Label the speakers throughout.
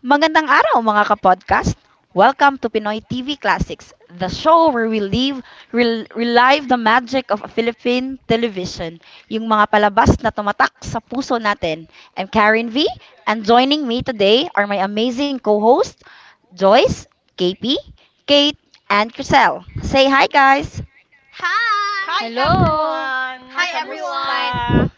Speaker 1: Magandang araw mga kapodcast! Welcome to Pinoy TV Classics, the show where we live, relive the magic of Philippine television, yung mga palabas na tumatak sa puso natin. I'm Karen V, and joining me today are my amazing co-hosts, Joyce, KP, Kate, and Chriselle. Say hi, guys!
Speaker 2: Hi!
Speaker 3: Hi,
Speaker 4: Hello.
Speaker 3: everyone!
Speaker 5: Hi
Speaker 2: Hi
Speaker 5: everyone.
Speaker 2: everyone!
Speaker 3: Kamusta?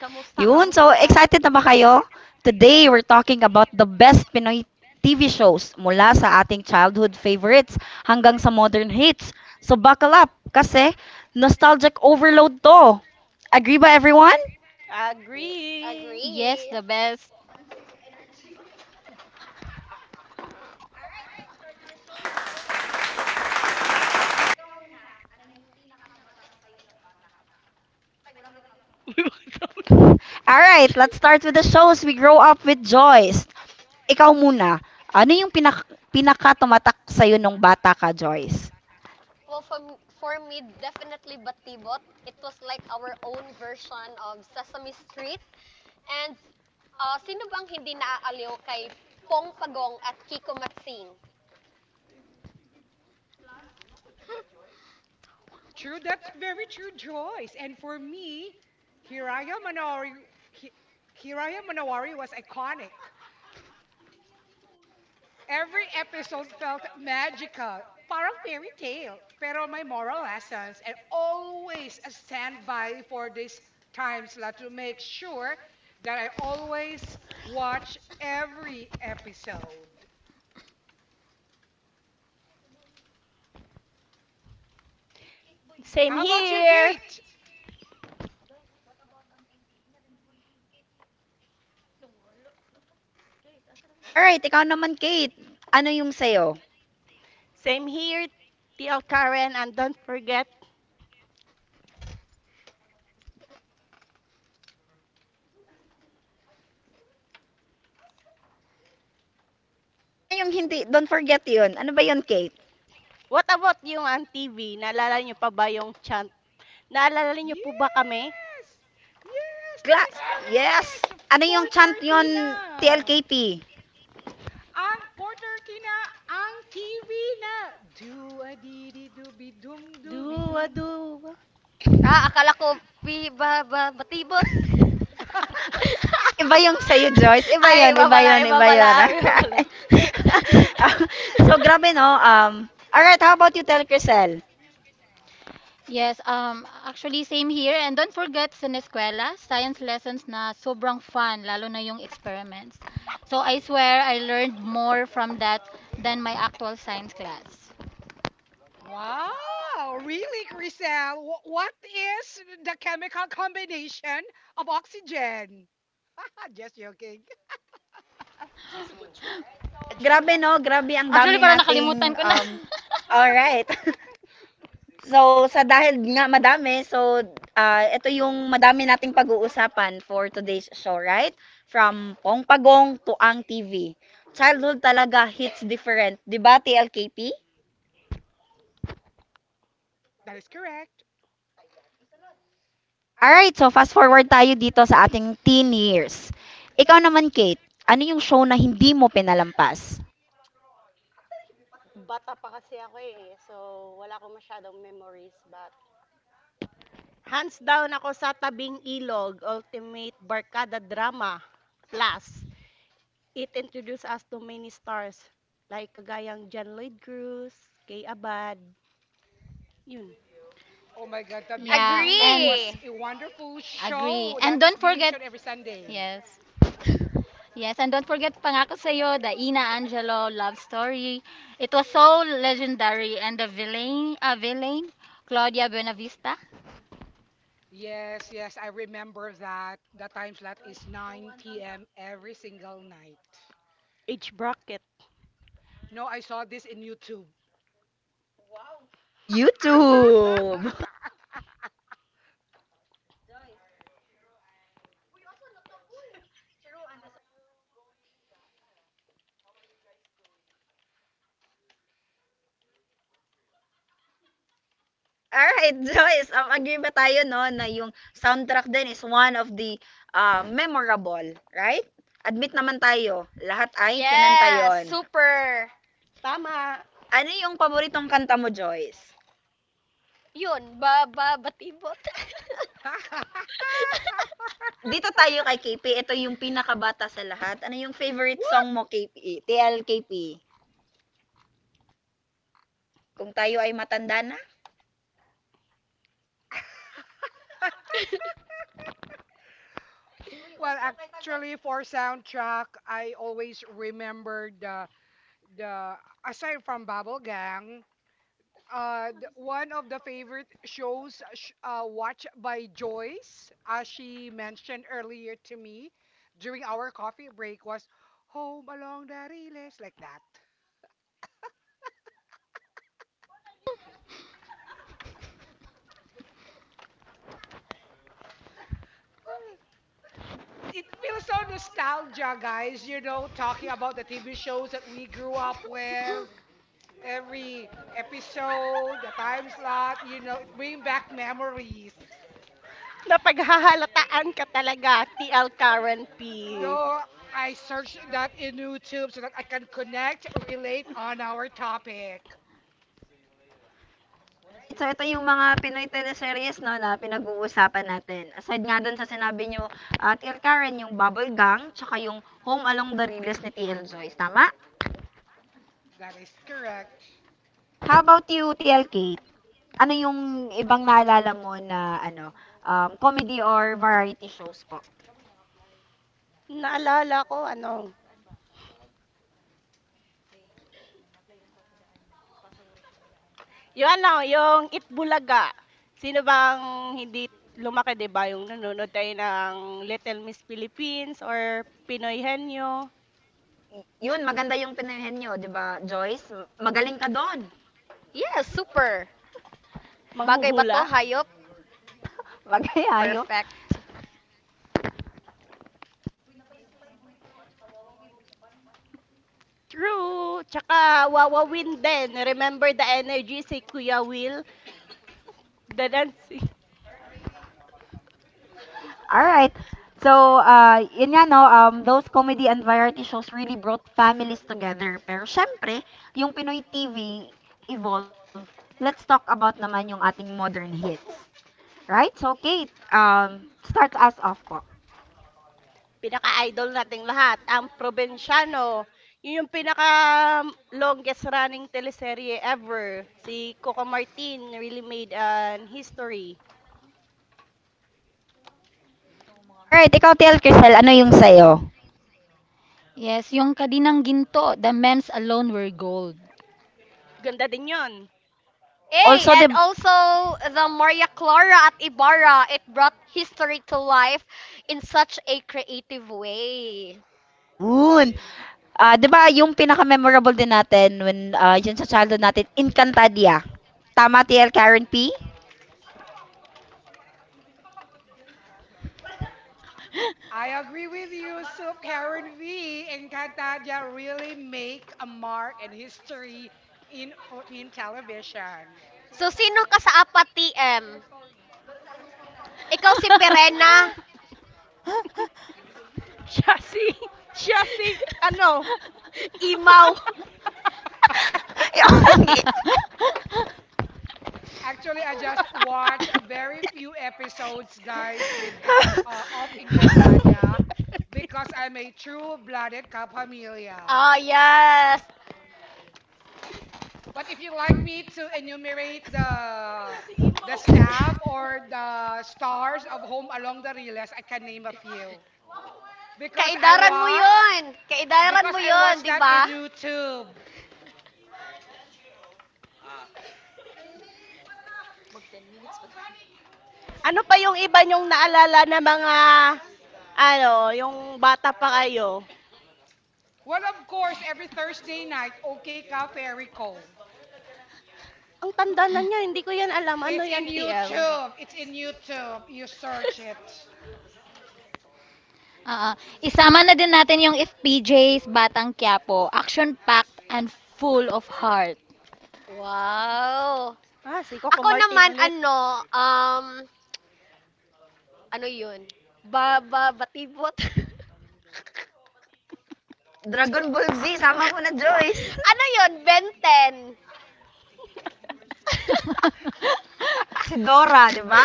Speaker 3: Kamusta?
Speaker 1: Yun, so
Speaker 3: Kamusta?
Speaker 1: excited na ba kayo? Today, we're talking about the best Pinoy TV shows mula sa ating childhood favorites hanggang sa modern hits. So buckle up kasi nostalgic overload to. Agree ba everyone?
Speaker 2: Yeah,
Speaker 3: Agree!
Speaker 4: Yes, the
Speaker 2: agree.
Speaker 4: best.
Speaker 1: All right, let's start with the shows we grow up with, Joyce. Ikaw muna, ano yung pinakatumatak sa'yo nung bata ka, Joyce?
Speaker 2: Well, for, for me, definitely Batibot. It was like our own version of Sesame Street. And ah, sino bang hindi naaaliw kay Pong Pagong at Kiko Matsing?
Speaker 5: True, that's very true, Joyce. And for me, Hiraya Manowari, Hi- Hiraya Manowari was iconic. Every episode felt magical, parang fairy tale. Pero may moral lessons and always a standby for this time slot to make sure that I always watch every episode.
Speaker 3: Same
Speaker 5: How about you,
Speaker 3: here!
Speaker 5: Kate?
Speaker 1: All right, ikaw naman, Kate. Ano yung sa'yo?
Speaker 3: Same here, TL Karen, and don't forget,
Speaker 1: Ano yung hindi? Don't forget yun. Ano ba yun, Kate?
Speaker 3: what about yung on TV? Naalala nyo pa ba yung chant? Naalala nyo po ba
Speaker 5: Yes!
Speaker 3: kami?
Speaker 5: Yes, that
Speaker 1: Class.
Speaker 5: is
Speaker 1: Yes.
Speaker 5: correct. The
Speaker 1: Ano yung chant
Speaker 5: 4:30
Speaker 1: yon
Speaker 5: na.
Speaker 1: TLKP?
Speaker 5: Ang 4:30 na ang TV na. Do a dee dee dooby doom dooby
Speaker 3: Duwa,
Speaker 5: doom.
Speaker 3: duwa.
Speaker 2: Ah, akala ko pi ba, ba batibot.
Speaker 1: Iba yung sa'yo, Joyce. Iba
Speaker 2: Ay,
Speaker 1: yon,
Speaker 2: iba
Speaker 1: iba
Speaker 2: pala,
Speaker 1: yon,
Speaker 2: iba
Speaker 1: iba
Speaker 2: pala,
Speaker 1: yon.
Speaker 2: iba
Speaker 1: Alright.
Speaker 2: pala.
Speaker 5: Ah.
Speaker 1: So, grabe no. Alright, how about you tell Crisel?
Speaker 4: Yes, actually same here. And don't forget sa eskwela, science lessons na sobrang fun, lalo na yung experiments. So I swear I learned more from that than my actual science class.
Speaker 5: Wow, really, Chriselle? What is the chemical combination of oxygen? Just joking.
Speaker 1: So, grabe no. Grabe ang
Speaker 4: Actually,
Speaker 1: dami
Speaker 4: parang nakalimutan
Speaker 1: nating
Speaker 4: ko na.
Speaker 1: um, alright. So, sa dahil nga madami, so ito yung madami nating pag-uusapan for today's show, right? From Pong Pagong to Ang TV. Childhood talaga hits different, 'di ba, TLKP?
Speaker 5: That is correct.
Speaker 1: Alright, so fast forward tayo dito sa ating teen years. Ikaw naman, Kate, ano yung show na hindi mo pinalampas?
Speaker 3: Bata pa kasi ako eh. So, wala akong masyadong memories. But, hands down ako sa Tabing Ilog, Ultimate Barkada Drama. Plus, it introduced us to many stars like kagayang John Lloyd Cruz, Kay Abad, yun,
Speaker 5: Oh my God, Tabing
Speaker 4: Yeah,
Speaker 5: Ilog
Speaker 4: and
Speaker 5: was
Speaker 2: Agree!
Speaker 5: a wonderful
Speaker 4: agree.
Speaker 5: show
Speaker 4: And
Speaker 5: that
Speaker 4: don't
Speaker 5: is
Speaker 4: forget,
Speaker 5: being shown every Sunday.
Speaker 4: yes. Yes, and don't forget Pangako Sa'yo, the Ina Angelo love story. It was so legendary. And the villain Claudia Buenavista.
Speaker 5: Yes, yes, I remember that. The time slot is 9 p.m. every single night.
Speaker 3: age bracket.
Speaker 5: No, I saw this in YouTube.
Speaker 1: YouTube! Alright, Joyce, agree ba tayo no na yung soundtrack din is one of the memorable, right? Admit naman tayo, lahat ay kinanta
Speaker 2: Yes!
Speaker 1: yon.
Speaker 2: Super!
Speaker 3: Tama!
Speaker 1: Ano yung paboritong kanta mo, Joyce?
Speaker 2: Batibot.
Speaker 1: Dito tayo kay K P. Ito yung pinakabata sa lahat. Ano yung favorite song
Speaker 5: What?
Speaker 1: mo, K P. T L K P. Kung tayo ay matanda na.
Speaker 5: Well, actually, for soundtrack, I always remember the aside from Bubble Gang, one of the favorite shows watched by Joyce, as she mentioned earlier to me during our coffee break, was Home Along the Rails, like that. Ah, it feels so nostalgia, guys, you know, talking about the TV shows that we grew up with, every episode, the time slot, you know, it brings back memories.
Speaker 3: Napaghahalataan ka talaga, TL Karen P.
Speaker 5: No, I searched that in YouTube so that I can connect, relate on our topic.
Speaker 1: Alright, so ito yung mga Pinoy teleseries no, na pinag-uusapan natin. Aside nga dun sa sinabi nyo, TL Karen, yung Bubble Gang, tsaka yung Home Along the Riles ni T L Joyce. Tama?
Speaker 5: That is correct.
Speaker 1: How about you, TL Kate? Ano yung ibang naalala mo na ano, comedy or variety shows po?
Speaker 3: Naalala ko, ano, yung Itbulaga. Sino bang hindi lumaki, di ba? Yung nanonood tayo ng Little Miss Philippines or Pinoy Henyo,
Speaker 1: Y- Yun, maganda yung pinayahin nyo, di ba, Joyce? Magaling ka doon.
Speaker 2: Yes, super. Bagay ba to,
Speaker 3: Manghuhula.
Speaker 2: hayop?
Speaker 1: Magayayop.
Speaker 2: Perfect.
Speaker 3: True! Tsaka Wawa Win din. Remember the energy si Kuya Will? The Nancy.
Speaker 1: All right. So, yun nga, no, those comedy and variety shows really brought families together. Pero syempre, yung Pinoy TV evolved. Let's talk about naman yung ating modern hits. Right? So, Kate, start us off po.
Speaker 3: Pinaka-idol nating lahat, ang Provinciano. Yun yung pinaka longest running teleserye ever. Si Coco Martin really made an history.
Speaker 1: Alright, ikaw, TL Crisel, ano yung sa'yo?
Speaker 4: Yes, yung kadinang ginto, the mems alone were gold.
Speaker 3: Ganda din yun.
Speaker 1: Oh,
Speaker 2: A,
Speaker 1: also, di,
Speaker 2: and also the Maria Clara at Ibarra, it brought history to life in such a creative way.
Speaker 1: yun. Ah, di ba, yung pinaka-memorable din natin when, ah, yun sa childhood natin, Encantadia. Tama, TL Karen P?
Speaker 5: I agree with you, Soup Karen V. Encantadia really make a mark and history in Philippine television.
Speaker 2: So, sino ka sa apat, TM? Ikaw si Perena?
Speaker 3: Siya si, siya si, ano,
Speaker 2: Imaw.
Speaker 1: Yun.
Speaker 5: Actually, I just
Speaker 4: Like,
Speaker 5: watched very few episodes, guys, with of Encantadia because I'm a true-blooded Kapamilya.
Speaker 2: Oh yes.
Speaker 5: But if you like me to enumerate the staff or the stars of Home Along the Riles, I can name a few. Because I
Speaker 2: Kaidaran mo
Speaker 5: watch,
Speaker 2: yun. Kaidaran
Speaker 5: because
Speaker 2: mo
Speaker 5: I
Speaker 2: yun,
Speaker 5: watch
Speaker 2: di
Speaker 5: that
Speaker 2: ba?
Speaker 5: in YouTube.
Speaker 3: ano pa yung iba niyong naalala na mga,
Speaker 4: what does that?
Speaker 3: ano, yung bata pa kayo?
Speaker 5: Well, of course,
Speaker 4: One,
Speaker 5: every Thursday
Speaker 4: okay,
Speaker 5: night, OK Ka Fairy Co.
Speaker 3: Ang tanda na niya, hindi ko yan alam. Ano
Speaker 5: It's
Speaker 3: yan,
Speaker 5: in
Speaker 3: TL?
Speaker 5: YouTube. It's in YouTube. You search it.
Speaker 4: Oo. Isama na din natin yung FPJs, Batang Quiapo, action-packed and full of heart.
Speaker 2: Wow!
Speaker 3: Ah, si Coco
Speaker 2: Ako
Speaker 3: Martin
Speaker 2: naman
Speaker 3: ulit.
Speaker 2: ano, um, ano yun? Ba, ba, batibot?
Speaker 1: Dragon Ball Z, sama mo na Joyce.
Speaker 2: Ano yun? Ben 10.
Speaker 1: Si Dora, di ba?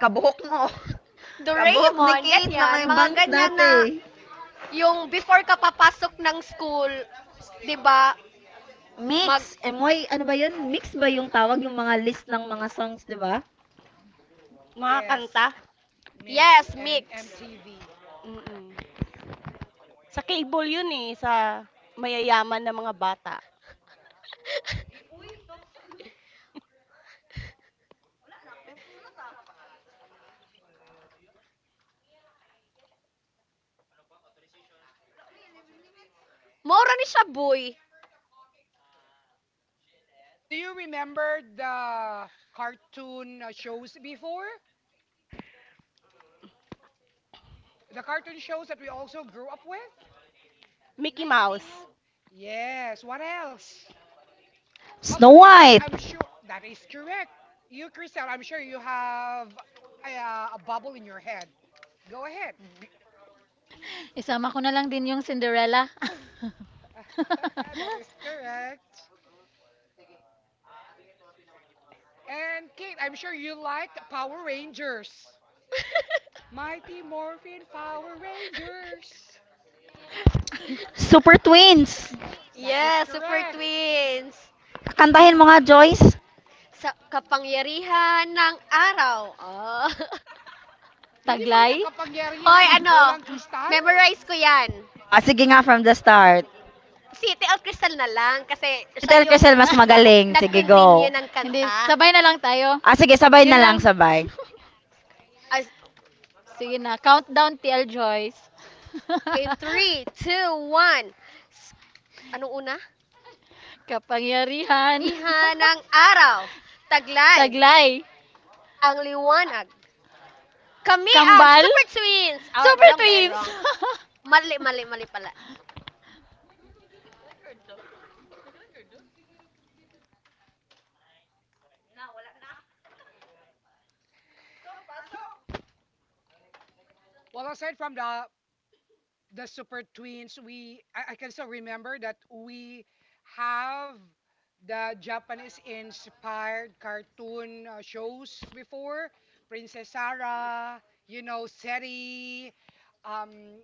Speaker 1: Kabuhok mo. Kabuhok ni
Speaker 2: Doraemon,
Speaker 1: Kate na may
Speaker 2: ganyan. Mga
Speaker 1: bangs
Speaker 2: ganyan na
Speaker 1: dati.
Speaker 2: yung before ka papasok ng school, di ba?
Speaker 1: Mix.
Speaker 2: Mag,
Speaker 1: Eh, may, ano ba yun? Mix ba yung tawag? Yung mga list ng mga songs, di ba?
Speaker 3: Mga kanta.
Speaker 5: Yes, Mix
Speaker 2: yes,
Speaker 5: and
Speaker 2: mix.
Speaker 5: MTV.
Speaker 3: Mm. Sa cable 'yun, eh, sa mayayaman na mga bata.
Speaker 2: Mora ni siya, boy.
Speaker 5: Do you remember the cartoon shows before? The cartoon shows that we also grew up with?
Speaker 3: Mickey Mouse.
Speaker 5: Yes, what else? How
Speaker 1: Snow
Speaker 5: about you, Joyce?
Speaker 1: White,
Speaker 5: I'm sure that is correct. You, Crystal, I'm sure you have a bubble in your head. Go ahead.
Speaker 4: Isama ko na lang din yung Cinderella.
Speaker 5: that is correct. And Kate, I'm sure you liked Power Rangers. Mighty Morphin Power Rangers.
Speaker 1: Super Twins.
Speaker 5: That is
Speaker 2: Yes, Super
Speaker 5: correct.
Speaker 2: Twins.
Speaker 1: Kantahin mo
Speaker 3: Hmm.
Speaker 1: nga, Joyce.
Speaker 2: Sa kapangyarihan ng araw. Oh.
Speaker 5: Hindi
Speaker 4: Taglay?
Speaker 5: ba yun ang
Speaker 2: Hoy,
Speaker 5: kapangyarihan ng
Speaker 2: ano?
Speaker 5: bolang kristal?
Speaker 2: Memorize ko yan.
Speaker 1: Oh, sige nga from the start.
Speaker 2: Si T L Crystal na lang kasi
Speaker 1: Si
Speaker 2: siya
Speaker 1: Tel
Speaker 2: yung
Speaker 1: Crisel mas magaling. Sige, go.
Speaker 2: nag-continue ng
Speaker 4: Hindi, sabay
Speaker 2: kanta.
Speaker 4: na lang tayo.
Speaker 1: Ah, sige, sabay
Speaker 4: Yun
Speaker 1: na
Speaker 4: lang.
Speaker 1: lang, sabay.
Speaker 2: As
Speaker 4: Sige na, countdown TL Joyce.
Speaker 2: in three two one. S- anong una?
Speaker 4: Kapangyarihan.
Speaker 2: Diha ng araw, taglay,
Speaker 4: Taglay.
Speaker 2: ang liwanag. Kami ang
Speaker 4: Kambal.
Speaker 2: Super Twins! Or
Speaker 4: Super
Speaker 2: wrong dahil
Speaker 4: Twins.
Speaker 2: wrong. Mali, mali, mali pala.
Speaker 5: Well, aside from the Super Twins, I can still remember that we have the Japanese inspired cartoon shows before, Princess Sarah, you know, Seri. Um,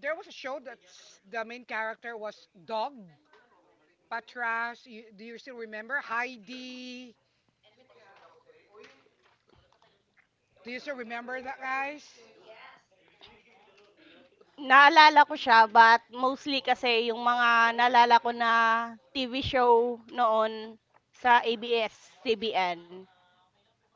Speaker 5: there was a show that's the main character was Dog Patras. Do you still remember Heidi? Do you still remember that, guys?
Speaker 3: Naalala ko siya but mostly kasi yung mga naalala ko na TV show noon sa ABS-CBN,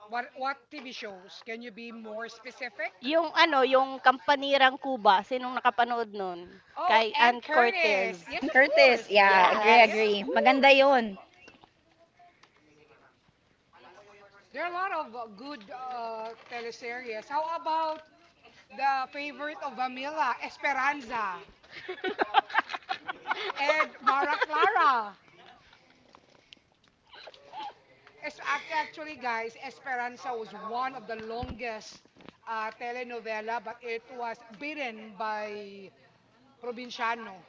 Speaker 5: What TV shows? Can you be more specific?
Speaker 3: yung ano, yung Kampanirang Kuba. Sinong nakapanood nun?
Speaker 5: Oh,
Speaker 3: Kay
Speaker 5: and
Speaker 3: Ann
Speaker 5: Curtis.
Speaker 3: Cortez.
Speaker 5: Yes,
Speaker 1: Ann
Speaker 5: of
Speaker 1: Curtis.
Speaker 5: course.
Speaker 1: Yeah, agree,
Speaker 3: Yes.
Speaker 2: Yes.
Speaker 5: Yes, of
Speaker 1: agree. Maganda
Speaker 5: course.
Speaker 1: yun.
Speaker 5: There are a lot of good teleseries. How about the favorite of Amila, Esperanza, and Mara Clara? Actually, guys, Esperanza was one of the longest telenovela, but it was beaten by Provinciano.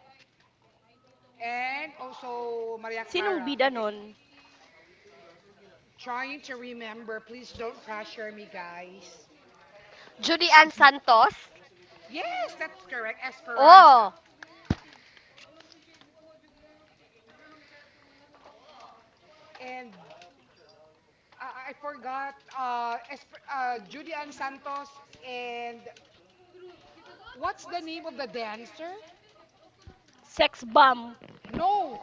Speaker 5: And also Maria
Speaker 3: Sinong
Speaker 5: Clara.
Speaker 3: bida
Speaker 5: I think
Speaker 3: nun?
Speaker 5: trying
Speaker 4: Try
Speaker 5: to
Speaker 4: to
Speaker 5: remember.
Speaker 4: remember,
Speaker 5: Please
Speaker 4: please
Speaker 5: don't
Speaker 4: don't Головне, rush
Speaker 5: pressure
Speaker 4: що
Speaker 5: me,
Speaker 4: her куди down. Ти
Speaker 5: guys.
Speaker 4: усну. Yes,
Speaker 2: Judy Ann Santos.
Speaker 4: Вона
Speaker 5: Yes,
Speaker 4: that's
Speaker 5: that's
Speaker 4: знову correct.
Speaker 5: correct.
Speaker 4: Сьогодні
Speaker 5: Esperanza.
Speaker 4: Esperanza.
Speaker 2: Oh!
Speaker 4: Багато дуже.
Speaker 5: And
Speaker 4: And
Speaker 5: I
Speaker 4: I
Speaker 5: forgot.
Speaker 4: forgot,
Speaker 5: Judy Ann
Speaker 4: Julian
Speaker 5: Santos
Speaker 4: Santos
Speaker 5: and
Speaker 4: and Друг, ти голодна?
Speaker 5: what's
Speaker 4: What's
Speaker 5: the
Speaker 4: the
Speaker 5: name of
Speaker 4: name
Speaker 5: the
Speaker 4: of the
Speaker 5: dancer?
Speaker 4: dancer? Просто.
Speaker 3: Sex bomb.
Speaker 4: No,
Speaker 5: No,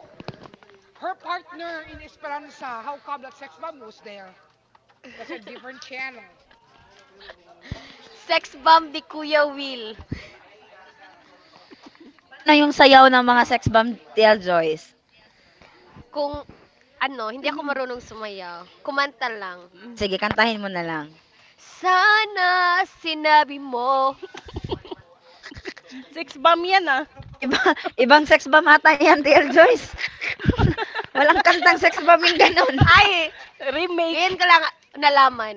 Speaker 5: her
Speaker 4: her
Speaker 5: partner in
Speaker 4: partner in Esperanza,
Speaker 5: Esperanza. How
Speaker 4: how
Speaker 5: come that
Speaker 4: come that
Speaker 5: sex
Speaker 4: says
Speaker 5: bomb was
Speaker 4: Bamus
Speaker 5: there?
Speaker 4: there?
Speaker 5: That's a
Speaker 4: Doesn't
Speaker 5: different
Speaker 4: give
Speaker 5: channel.
Speaker 2: Sex bomb di Kuya Will.
Speaker 1: Paano yung sayaw ng mga sex bomb, TL Joyce?
Speaker 2: Kung ano, hindi ako marunong sumayaw. Kumanta lang.
Speaker 1: Ah,
Speaker 3: Mm.
Speaker 1: sige, kantahin mo na lang.
Speaker 2: Sana sinabi mo.
Speaker 3: Six bomb yan ah.
Speaker 1: Iba, ibang sex bomb ata yan, TL Joyce. Walang kantang sex bomb yung
Speaker 2: ay,
Speaker 1: ganun.
Speaker 2: ay, ngayon
Speaker 3: Remake.
Speaker 2: ko lang nalaman.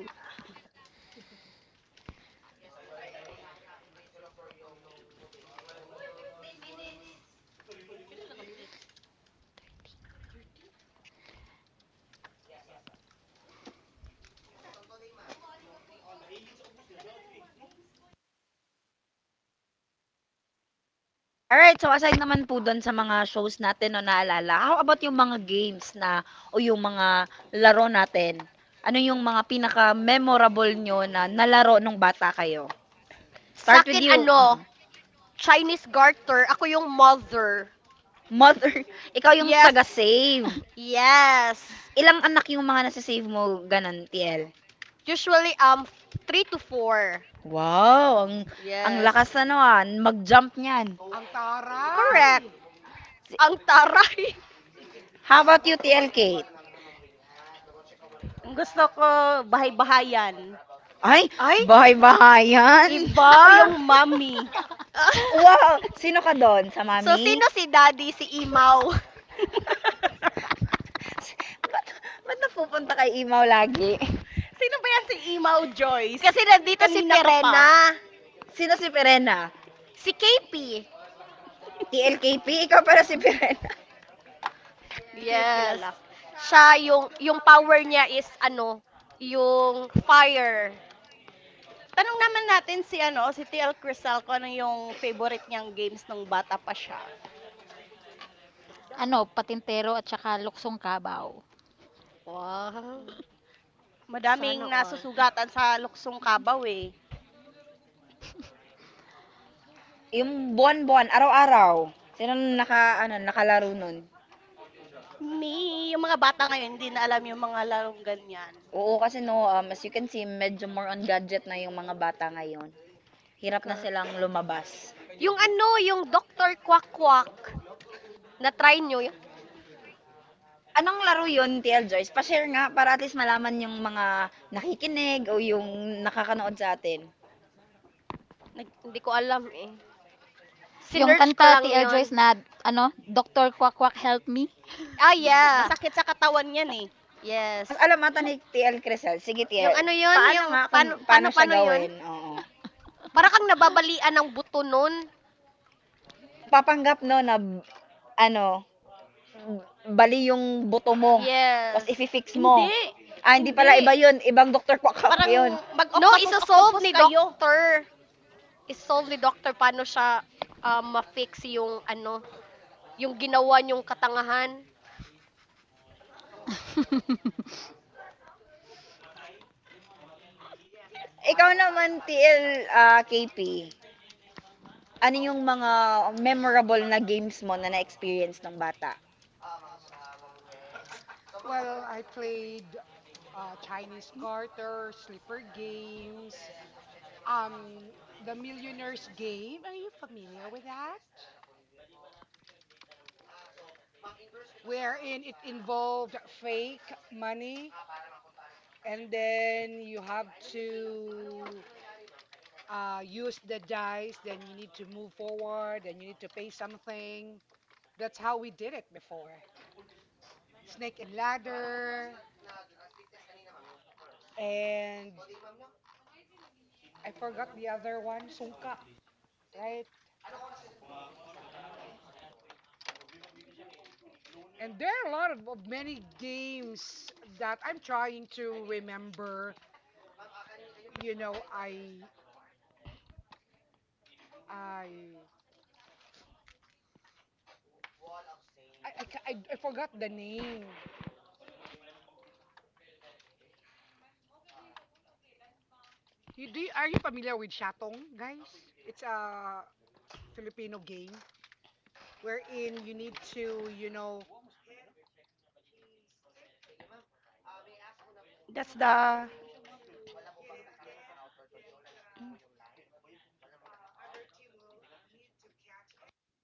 Speaker 1: Alright, so aside naman po dun sa mga shows natin 'no naalala, how about yung mga games na o yung mga laro natin? Ano yung mga pinaka-memorable nyo na nalaro nung bata kayo?
Speaker 2: Sa
Speaker 1: Start
Speaker 2: akin,
Speaker 1: with you.
Speaker 2: ano,
Speaker 1: Mm.
Speaker 2: Chinese garter, ako yung mother.
Speaker 1: Mother, ikaw yung
Speaker 2: Yes,
Speaker 1: taga-save.
Speaker 2: yes.
Speaker 1: Ilang anak yung mga nasa-save mo ganun, TL?
Speaker 2: Usually, um, 3 to 4.
Speaker 1: Wow, ang
Speaker 2: Yes.
Speaker 1: lakas ano, mag-jump niyan.
Speaker 5: Ang
Speaker 2: Correct.
Speaker 5: taray!
Speaker 1: Si
Speaker 2: Ang taray.
Speaker 1: how about you, TL Kate?
Speaker 3: Ang gusto ko bahay-bahayan.
Speaker 1: Ay,
Speaker 2: Ay,
Speaker 1: bahay-bahayan.
Speaker 4: her
Speaker 2: iba.
Speaker 3: Ako yung mommy.
Speaker 4: chance.
Speaker 1: Wow! Sino ka doon? Sa
Speaker 2: So,
Speaker 1: mami?
Speaker 2: sino si daddy, si Imaw?
Speaker 1: S- ba't, ba't napupunta kay Imaw lagi?
Speaker 3: Sino ba yan si Imao Joyce?
Speaker 2: Kasi nandito si
Speaker 3: Kanina ka pa.
Speaker 2: Perena,
Speaker 1: Sino si Perena?
Speaker 2: si KP.
Speaker 1: TLKP? Ikaw para si Perena.
Speaker 3: Hindi ko yan
Speaker 2: Yes.
Speaker 3: kilala.
Speaker 2: Siya yung power niya is ano, yung fire.
Speaker 3: Tanong naman natin si ano, si TL Crisal kung ano yung favorite niyang games nung bata pa siya.
Speaker 4: Ano, Patintero at saka Luksong Kabaw.
Speaker 2: Wow.
Speaker 3: Mm. Madaming
Speaker 2: Sana all.
Speaker 3: nasusugatan sa luksong kabaw eh.
Speaker 1: Yung buwan-buwan, araw-araw. Sino naka, ano, nakalaro nun?
Speaker 3: Me yung mga bata ngayon hindi na alam yung mga larong ganyan.
Speaker 1: Oo, kasi no, as you can see, medyo more on gadget na yung mga bata ngayon. Hirap na
Speaker 3: Cor
Speaker 1: silang lumabas.
Speaker 2: Yung ano, yung Doctor Quack Quack. Na try nyo, yun?
Speaker 1: Anong laro yun, TL Joyce? Pa-share nga para at least malaman yung mga nakikinig o yung nakakanood sa atin.
Speaker 3: nag
Speaker 2: Hindi ko alam eh.
Speaker 4: Yung
Speaker 2: Sinearch ko
Speaker 4: kanta T
Speaker 2: lang
Speaker 4: L
Speaker 2: yon.
Speaker 4: Joyce na ano, Doctor Kwak Kwak Help Me.
Speaker 2: Ah, yeah.
Speaker 3: masakit sa katawan yan, eh.
Speaker 1: O mas
Speaker 2: Yes.
Speaker 1: alam ata ni TL Crisel. Sige
Speaker 2: Yung
Speaker 1: TL,
Speaker 2: ano yon,
Speaker 1: paano
Speaker 2: yung
Speaker 1: nga kung paano siya
Speaker 2: paano yon?
Speaker 1: gawin? Oo.
Speaker 2: Para kang nababalian ng buto nun.
Speaker 1: Nagpapanggap no na ano, bali yung buto mo. Tapos
Speaker 2: Yes.
Speaker 1: ifi-fix mo.
Speaker 3: Hindi,
Speaker 1: Ah, hindi
Speaker 3: hindi.
Speaker 1: pala iba yun. Ibang Dr. Kwakak
Speaker 3: Parang
Speaker 1: yun.
Speaker 2: No,
Speaker 3: mag-octopus
Speaker 2: isa-solve
Speaker 3: octopus
Speaker 2: ni
Speaker 3: kayo.
Speaker 2: Doctor. Is-solve ni Doctor paano siya ma-fix yung ano, yung ginawa niyong katangahan.
Speaker 1: Ikaw naman, TL KP. Ano yung mga memorable na games mo na na-experience ng bata?
Speaker 5: Well, I played Chinese garter, slipper games, um, the Millionaire's Game. Are you familiar with that? Wherein it involved fake money and then you have to use the dice. Then you need to move forward. Then you need to pay something. That's how we did it before. Snake and ladder, and I forgot the other one, sungka, right? And there are a lot of many games that I'm trying to remember. You know, I I forgot the name. Are you familiar with Shatong, guys? It's a Filipino game wherein you need to, you know, hit a stick,
Speaker 3: That's the
Speaker 5: then you need to hit it again, then the other team will need to catch it.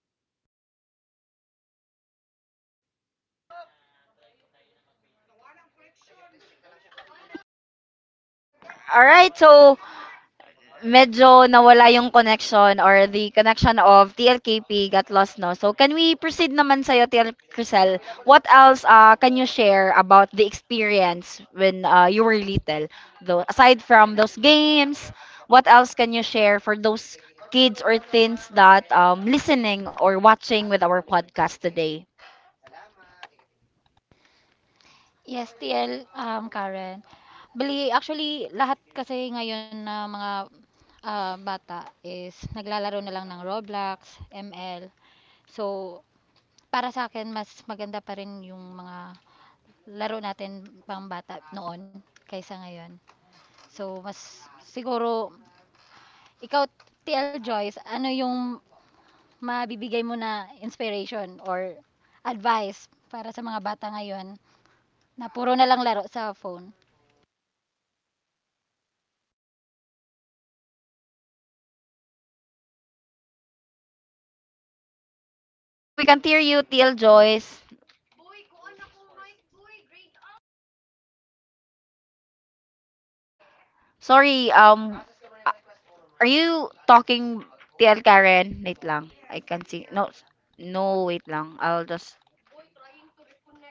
Speaker 2: Nawala, bitaw.
Speaker 1: Alright, so medyo nawala yung connection or the connection of TLKP got lost, no? So, can we proceed naman sa'yo, TL Crisel? What else can you share about the experience when you were little? Though, aside from those games, what else can you share for those kids or teens that listening or watching with our podcast today?
Speaker 4: Yes, T L Karen. Bali actually lahat kasi ngayon na mga bata is naglalaro na lang ng Roblox, ML. So para sa akin mas maganda pa rin yung mga laro natin pang bata noon kaysa ngayon. So mas siguro ikaw, T L Joyce, ano yung mabibigay mo na inspiration or advice para sa mga bata ngayon na puro na lang laro sa phone?
Speaker 2: Ano, dapat balance kasi yan, di ba? So, um,
Speaker 5: We can't hear
Speaker 1: Sorry,
Speaker 5: you.
Speaker 1: we can hear you, TL Joyce.
Speaker 2: boy, kuon na kong mic, boy, grade out.
Speaker 5: Hello, can I answer for Joyce instead?
Speaker 1: Sorry, are you talking TL Karen? Wait lang. I
Speaker 5: Yes, can
Speaker 1: can't
Speaker 5: you
Speaker 1: see.
Speaker 5: hear me?
Speaker 1: No, wait lang. I'll just...
Speaker 2: Boy, tapin ko na.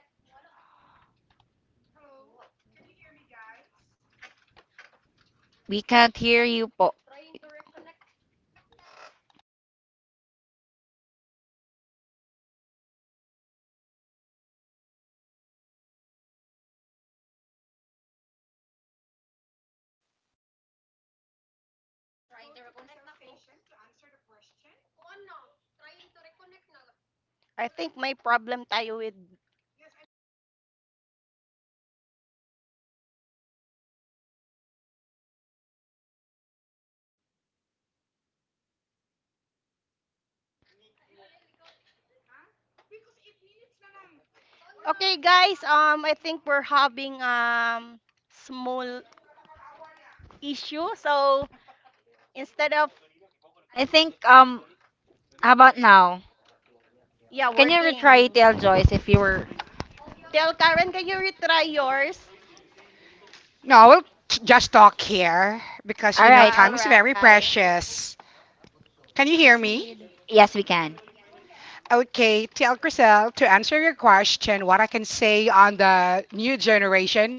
Speaker 5: Hello? Can you hear me, guys?
Speaker 1: We can't hear
Speaker 5: Hello?
Speaker 1: you po.
Speaker 5: Oh. s-
Speaker 2: Ulo, grade out.
Speaker 5: Hello? Hello? Hello? Can I just can I just go to Crystal Station to answer the question?
Speaker 3: I think may problem tayo with.
Speaker 5: Yes, I'm saying trying to reconnect, make sure you have stable internet connection. Can I just go there and answer the question?
Speaker 3: Okay, guys, I think we're having small issue. So instead of,
Speaker 1: I think, how about now?
Speaker 3: yeah,
Speaker 1: Can you retry
Speaker 3: working.
Speaker 1: TL Joyce if you were...
Speaker 3: Tell
Speaker 2: Boy.
Speaker 3: Karen, can you retry yours?
Speaker 4: No, we'll just talk here because you know
Speaker 1: Alright,
Speaker 3: Ah,
Speaker 1: go.
Speaker 3: all
Speaker 4: time is very
Speaker 3: right.
Speaker 4: precious. Can you hear me?
Speaker 3: Proceed.
Speaker 1: Yes, we can.
Speaker 4: Okay, tell Chriselle to answer your question what I can say on the new generation.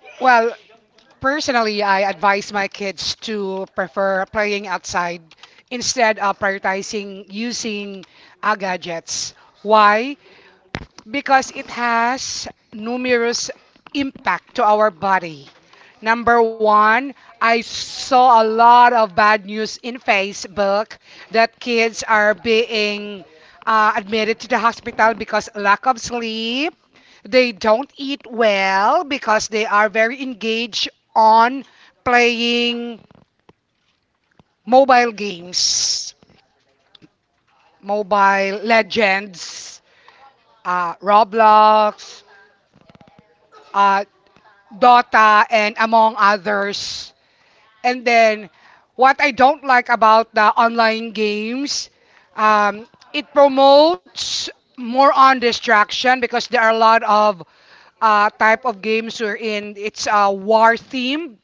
Speaker 4: Well, personally, I advise my kids to prefer playing outside instead of prioritizing using gadgets. Why? Because it has numerous impact to our body. Number one, I saw a lot of bad news in Facebook that kids are being admitted to the hospital because lack of sleep. They don't eat well because they are very engaged on playing mobile games, mobile legends, Roblox, uh, Dota, and among others. And then, what I don't like about the online games, um, it promotes more on distraction because there are a lot of type of games wherein it's a war themed.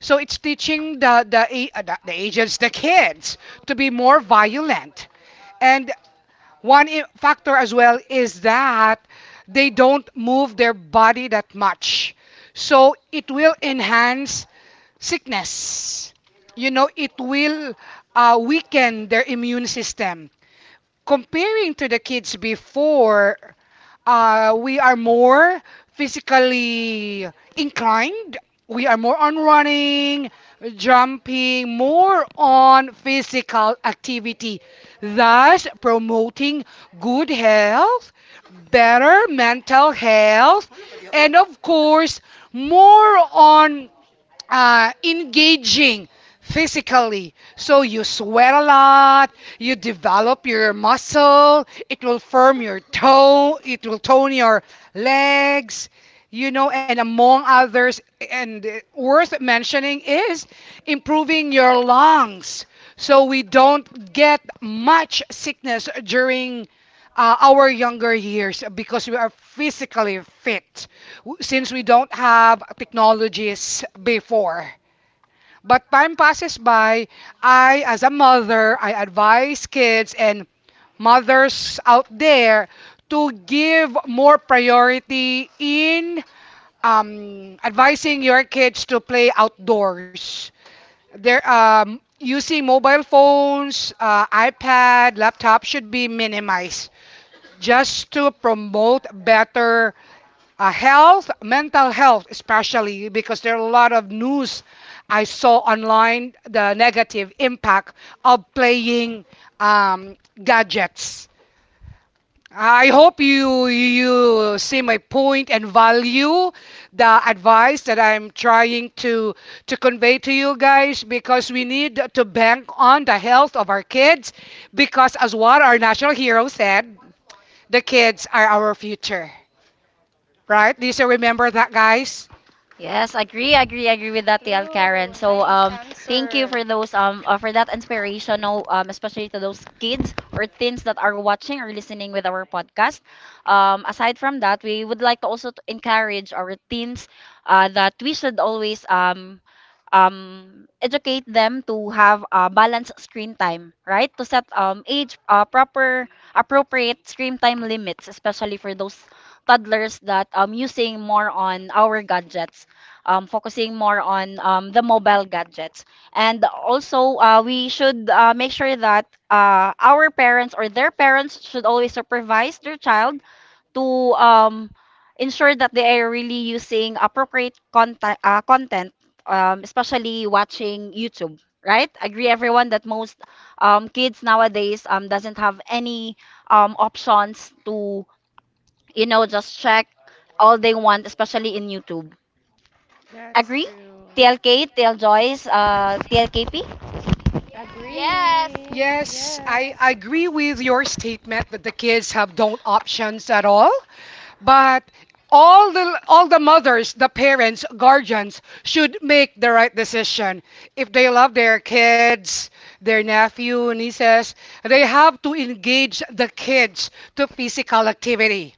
Speaker 4: So it's teaching the agents, the kids, to be more violent. And one factor as well is that they don't move their body that much. So it will enhance sickness. You know, it will weaken their immune system. Comparing to the kids before, we are more physically inclined. We are more on running, jumping, more on physical activity, thus promoting good health, better mental health, and of course, more on engaging physically. So you sweat a lot, you develop your muscle, it will firm your toe, it will tone your legs, you know, and among others. And worth mentioning is improving your lungs. So we don't get much sickness during our younger years because we are physically fit since we don't have technologies before. But time passes by. I, as a mother, I advise kids and mothers out there to give more priority in advising your kids to play outdoors. They're using mobile phones, iPad, laptop should be minimized just to promote better health, mental health, especially because there are a lot of news I saw online the negative impact of playing um, gadgets. I hope you see my point and value the advice that I'm trying to convey to you guys because we need to bank on the health of our kids because as what our national hero said, the kids are our future, right? Do you still remember that, guys?
Speaker 1: Yes, agree, agree, agree with that, TL
Speaker 3: True.
Speaker 1: Karen. So,
Speaker 3: Nice
Speaker 1: thank you
Speaker 3: answer.
Speaker 1: for those um for that inspirational um especially to those kids or teens that are watching or listening with our podcast. Aside from that, we would like to also to encourage our teens that we should always um um educate them to have a balanced screen time, right? To set age proper appropriate screen time limits, especially for those toddlers that using more on our gadgets focusing more on the mobile gadgets. And also, we should make sure that our parents or their parents should always supervise their child to ensure that they are really using appropriate content, content especially watching YouTube. Right? Agree everyone that most kids nowadays doesn't have any options to you know just check all they want, especially in YouTube. Agree? TLK, TL Joyce, TLKP?
Speaker 2: Yes!
Speaker 4: Yes, I agree with your statement that the kids have don't options at all. But all the mothers, the parents, guardians should make the right decision. If they love their kids, their nephew, nieces, they have to engage the kids to physical activity.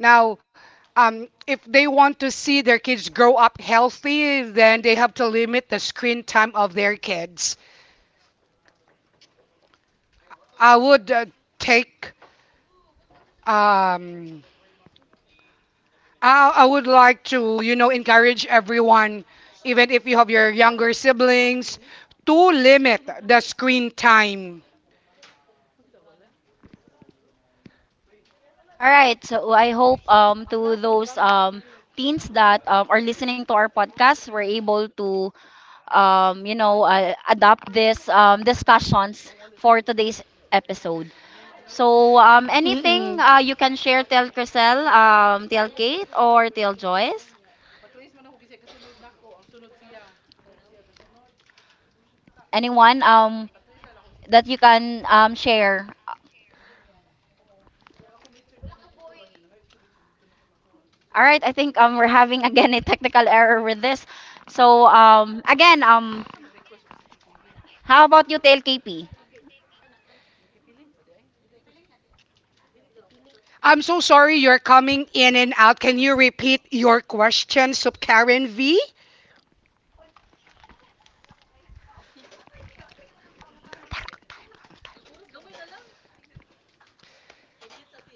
Speaker 4: Now, if they want to see their kids grow up healthy, then they have to limit the screen time of their kids. I would take. Um, I would like to, you know, encourage everyone, even if you have your younger siblings, to limit the screen time.
Speaker 1: All right. So I hope to those teens that are listening to our podcast were able to you know adopt this discussions for today's episode. So
Speaker 4: Mm-mm.
Speaker 1: anything you can share TL Crisel, TL Kate or TL Joyce? Anyone that you can share All right, I think we're having again a technical error with this. So um again um how about you Tail KP?
Speaker 4: I'm so sorry you're coming in and out. Can you repeat your question, Subkaran V?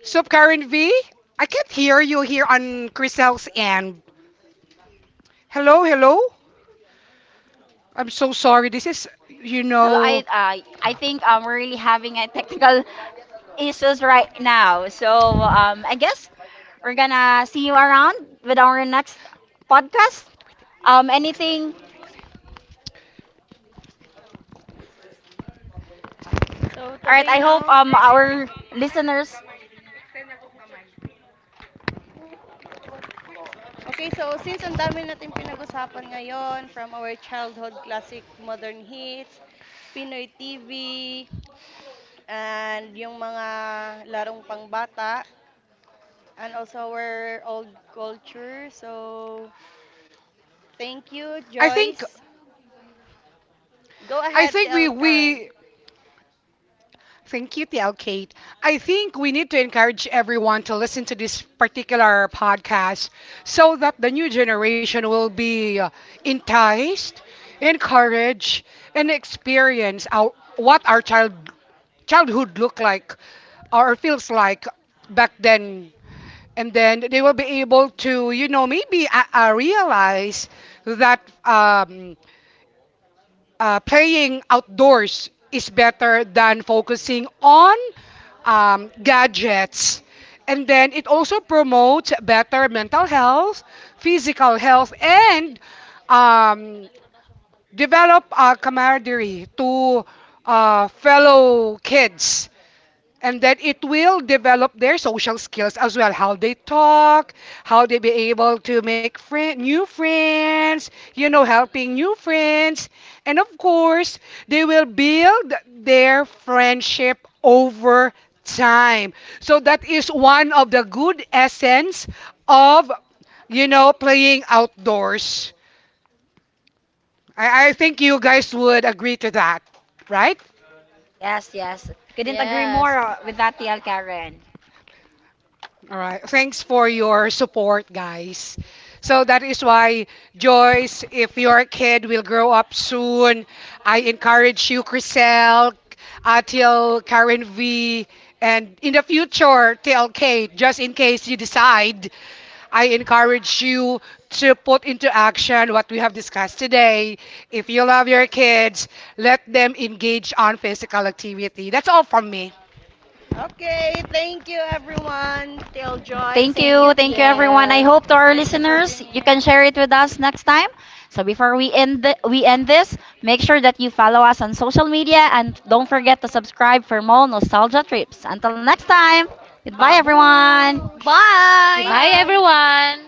Speaker 4: Subkaran V? I can't hear you here on Chriselle's end. Hello, hello. I'm so sorry. This is, you
Speaker 1: Hello,
Speaker 4: know,
Speaker 1: I think we're really having a technical issues right now. So I guess we're gonna see you around with our next podcast. Anything?
Speaker 3: So,
Speaker 1: All right,
Speaker 3: today,
Speaker 1: I hope
Speaker 3: no?
Speaker 1: our listeners
Speaker 3: Okay, so since ang dami natin pinag-usapan ngayon from our childhood classic modern hits, Pinoy TV, and yung mga larong pangbata, and also our old culture. So, thank you,
Speaker 4: I think
Speaker 3: Joyce. Go
Speaker 4: I
Speaker 3: ahead,
Speaker 4: think we
Speaker 3: tell
Speaker 4: we
Speaker 3: Karen.
Speaker 4: Thank you, TL Kate. I think we need to encourage everyone to listen to this particular podcast so that the new generation will be enticed, encouraged, and experience our, what our childhood looked like or feels like back then. And then they will be able to, you know, maybe realize that. Playing outdoors is better than focusing on gadgets. And then it also promotes better mental health, physical health, and um, develop camaraderie to fellow kids. And then it will develop their social skills as well, how they talk, how they be able to make friend, new friends, you know, helping new friends. And of course, they will build their friendship over time. So that is one of the good essence of, you know, playing outdoors. I think you guys would agree to that, right?
Speaker 1: yes yes couldn't agree more
Speaker 2: Yes.
Speaker 1: with that TL Karen.
Speaker 4: All right. Thanks for your support, guys. So that is why, Joyce, if your kid will grow up soon, I encourage you, Chriselle, Atil, Karen V, and in the future, TLK, just in case you decide, I encourage you to put into action what we have discussed today. If you love your kids, let them engage on physical activity. That's all from me.
Speaker 3: Okay, thank you,
Speaker 1: All right.
Speaker 3: everyone. Tell
Speaker 1: Thank
Speaker 3: Joyce,
Speaker 4: Thank you,
Speaker 1: you. Thank you,
Speaker 3: KP.
Speaker 1: everyone. I
Speaker 4: TL.
Speaker 1: hope to our
Speaker 3: Thank you for
Speaker 1: listeners, you
Speaker 3: joining
Speaker 1: can
Speaker 3: us.
Speaker 1: share it with us next time. So before we end this, make sure that you follow us on social media and don't forget to subscribe for more nostalgia trips. Until next time, goodbye, everyone.
Speaker 3: Babush.
Speaker 4: Goodbye,
Speaker 2: Bye!
Speaker 3: Bye.
Speaker 4: everyone.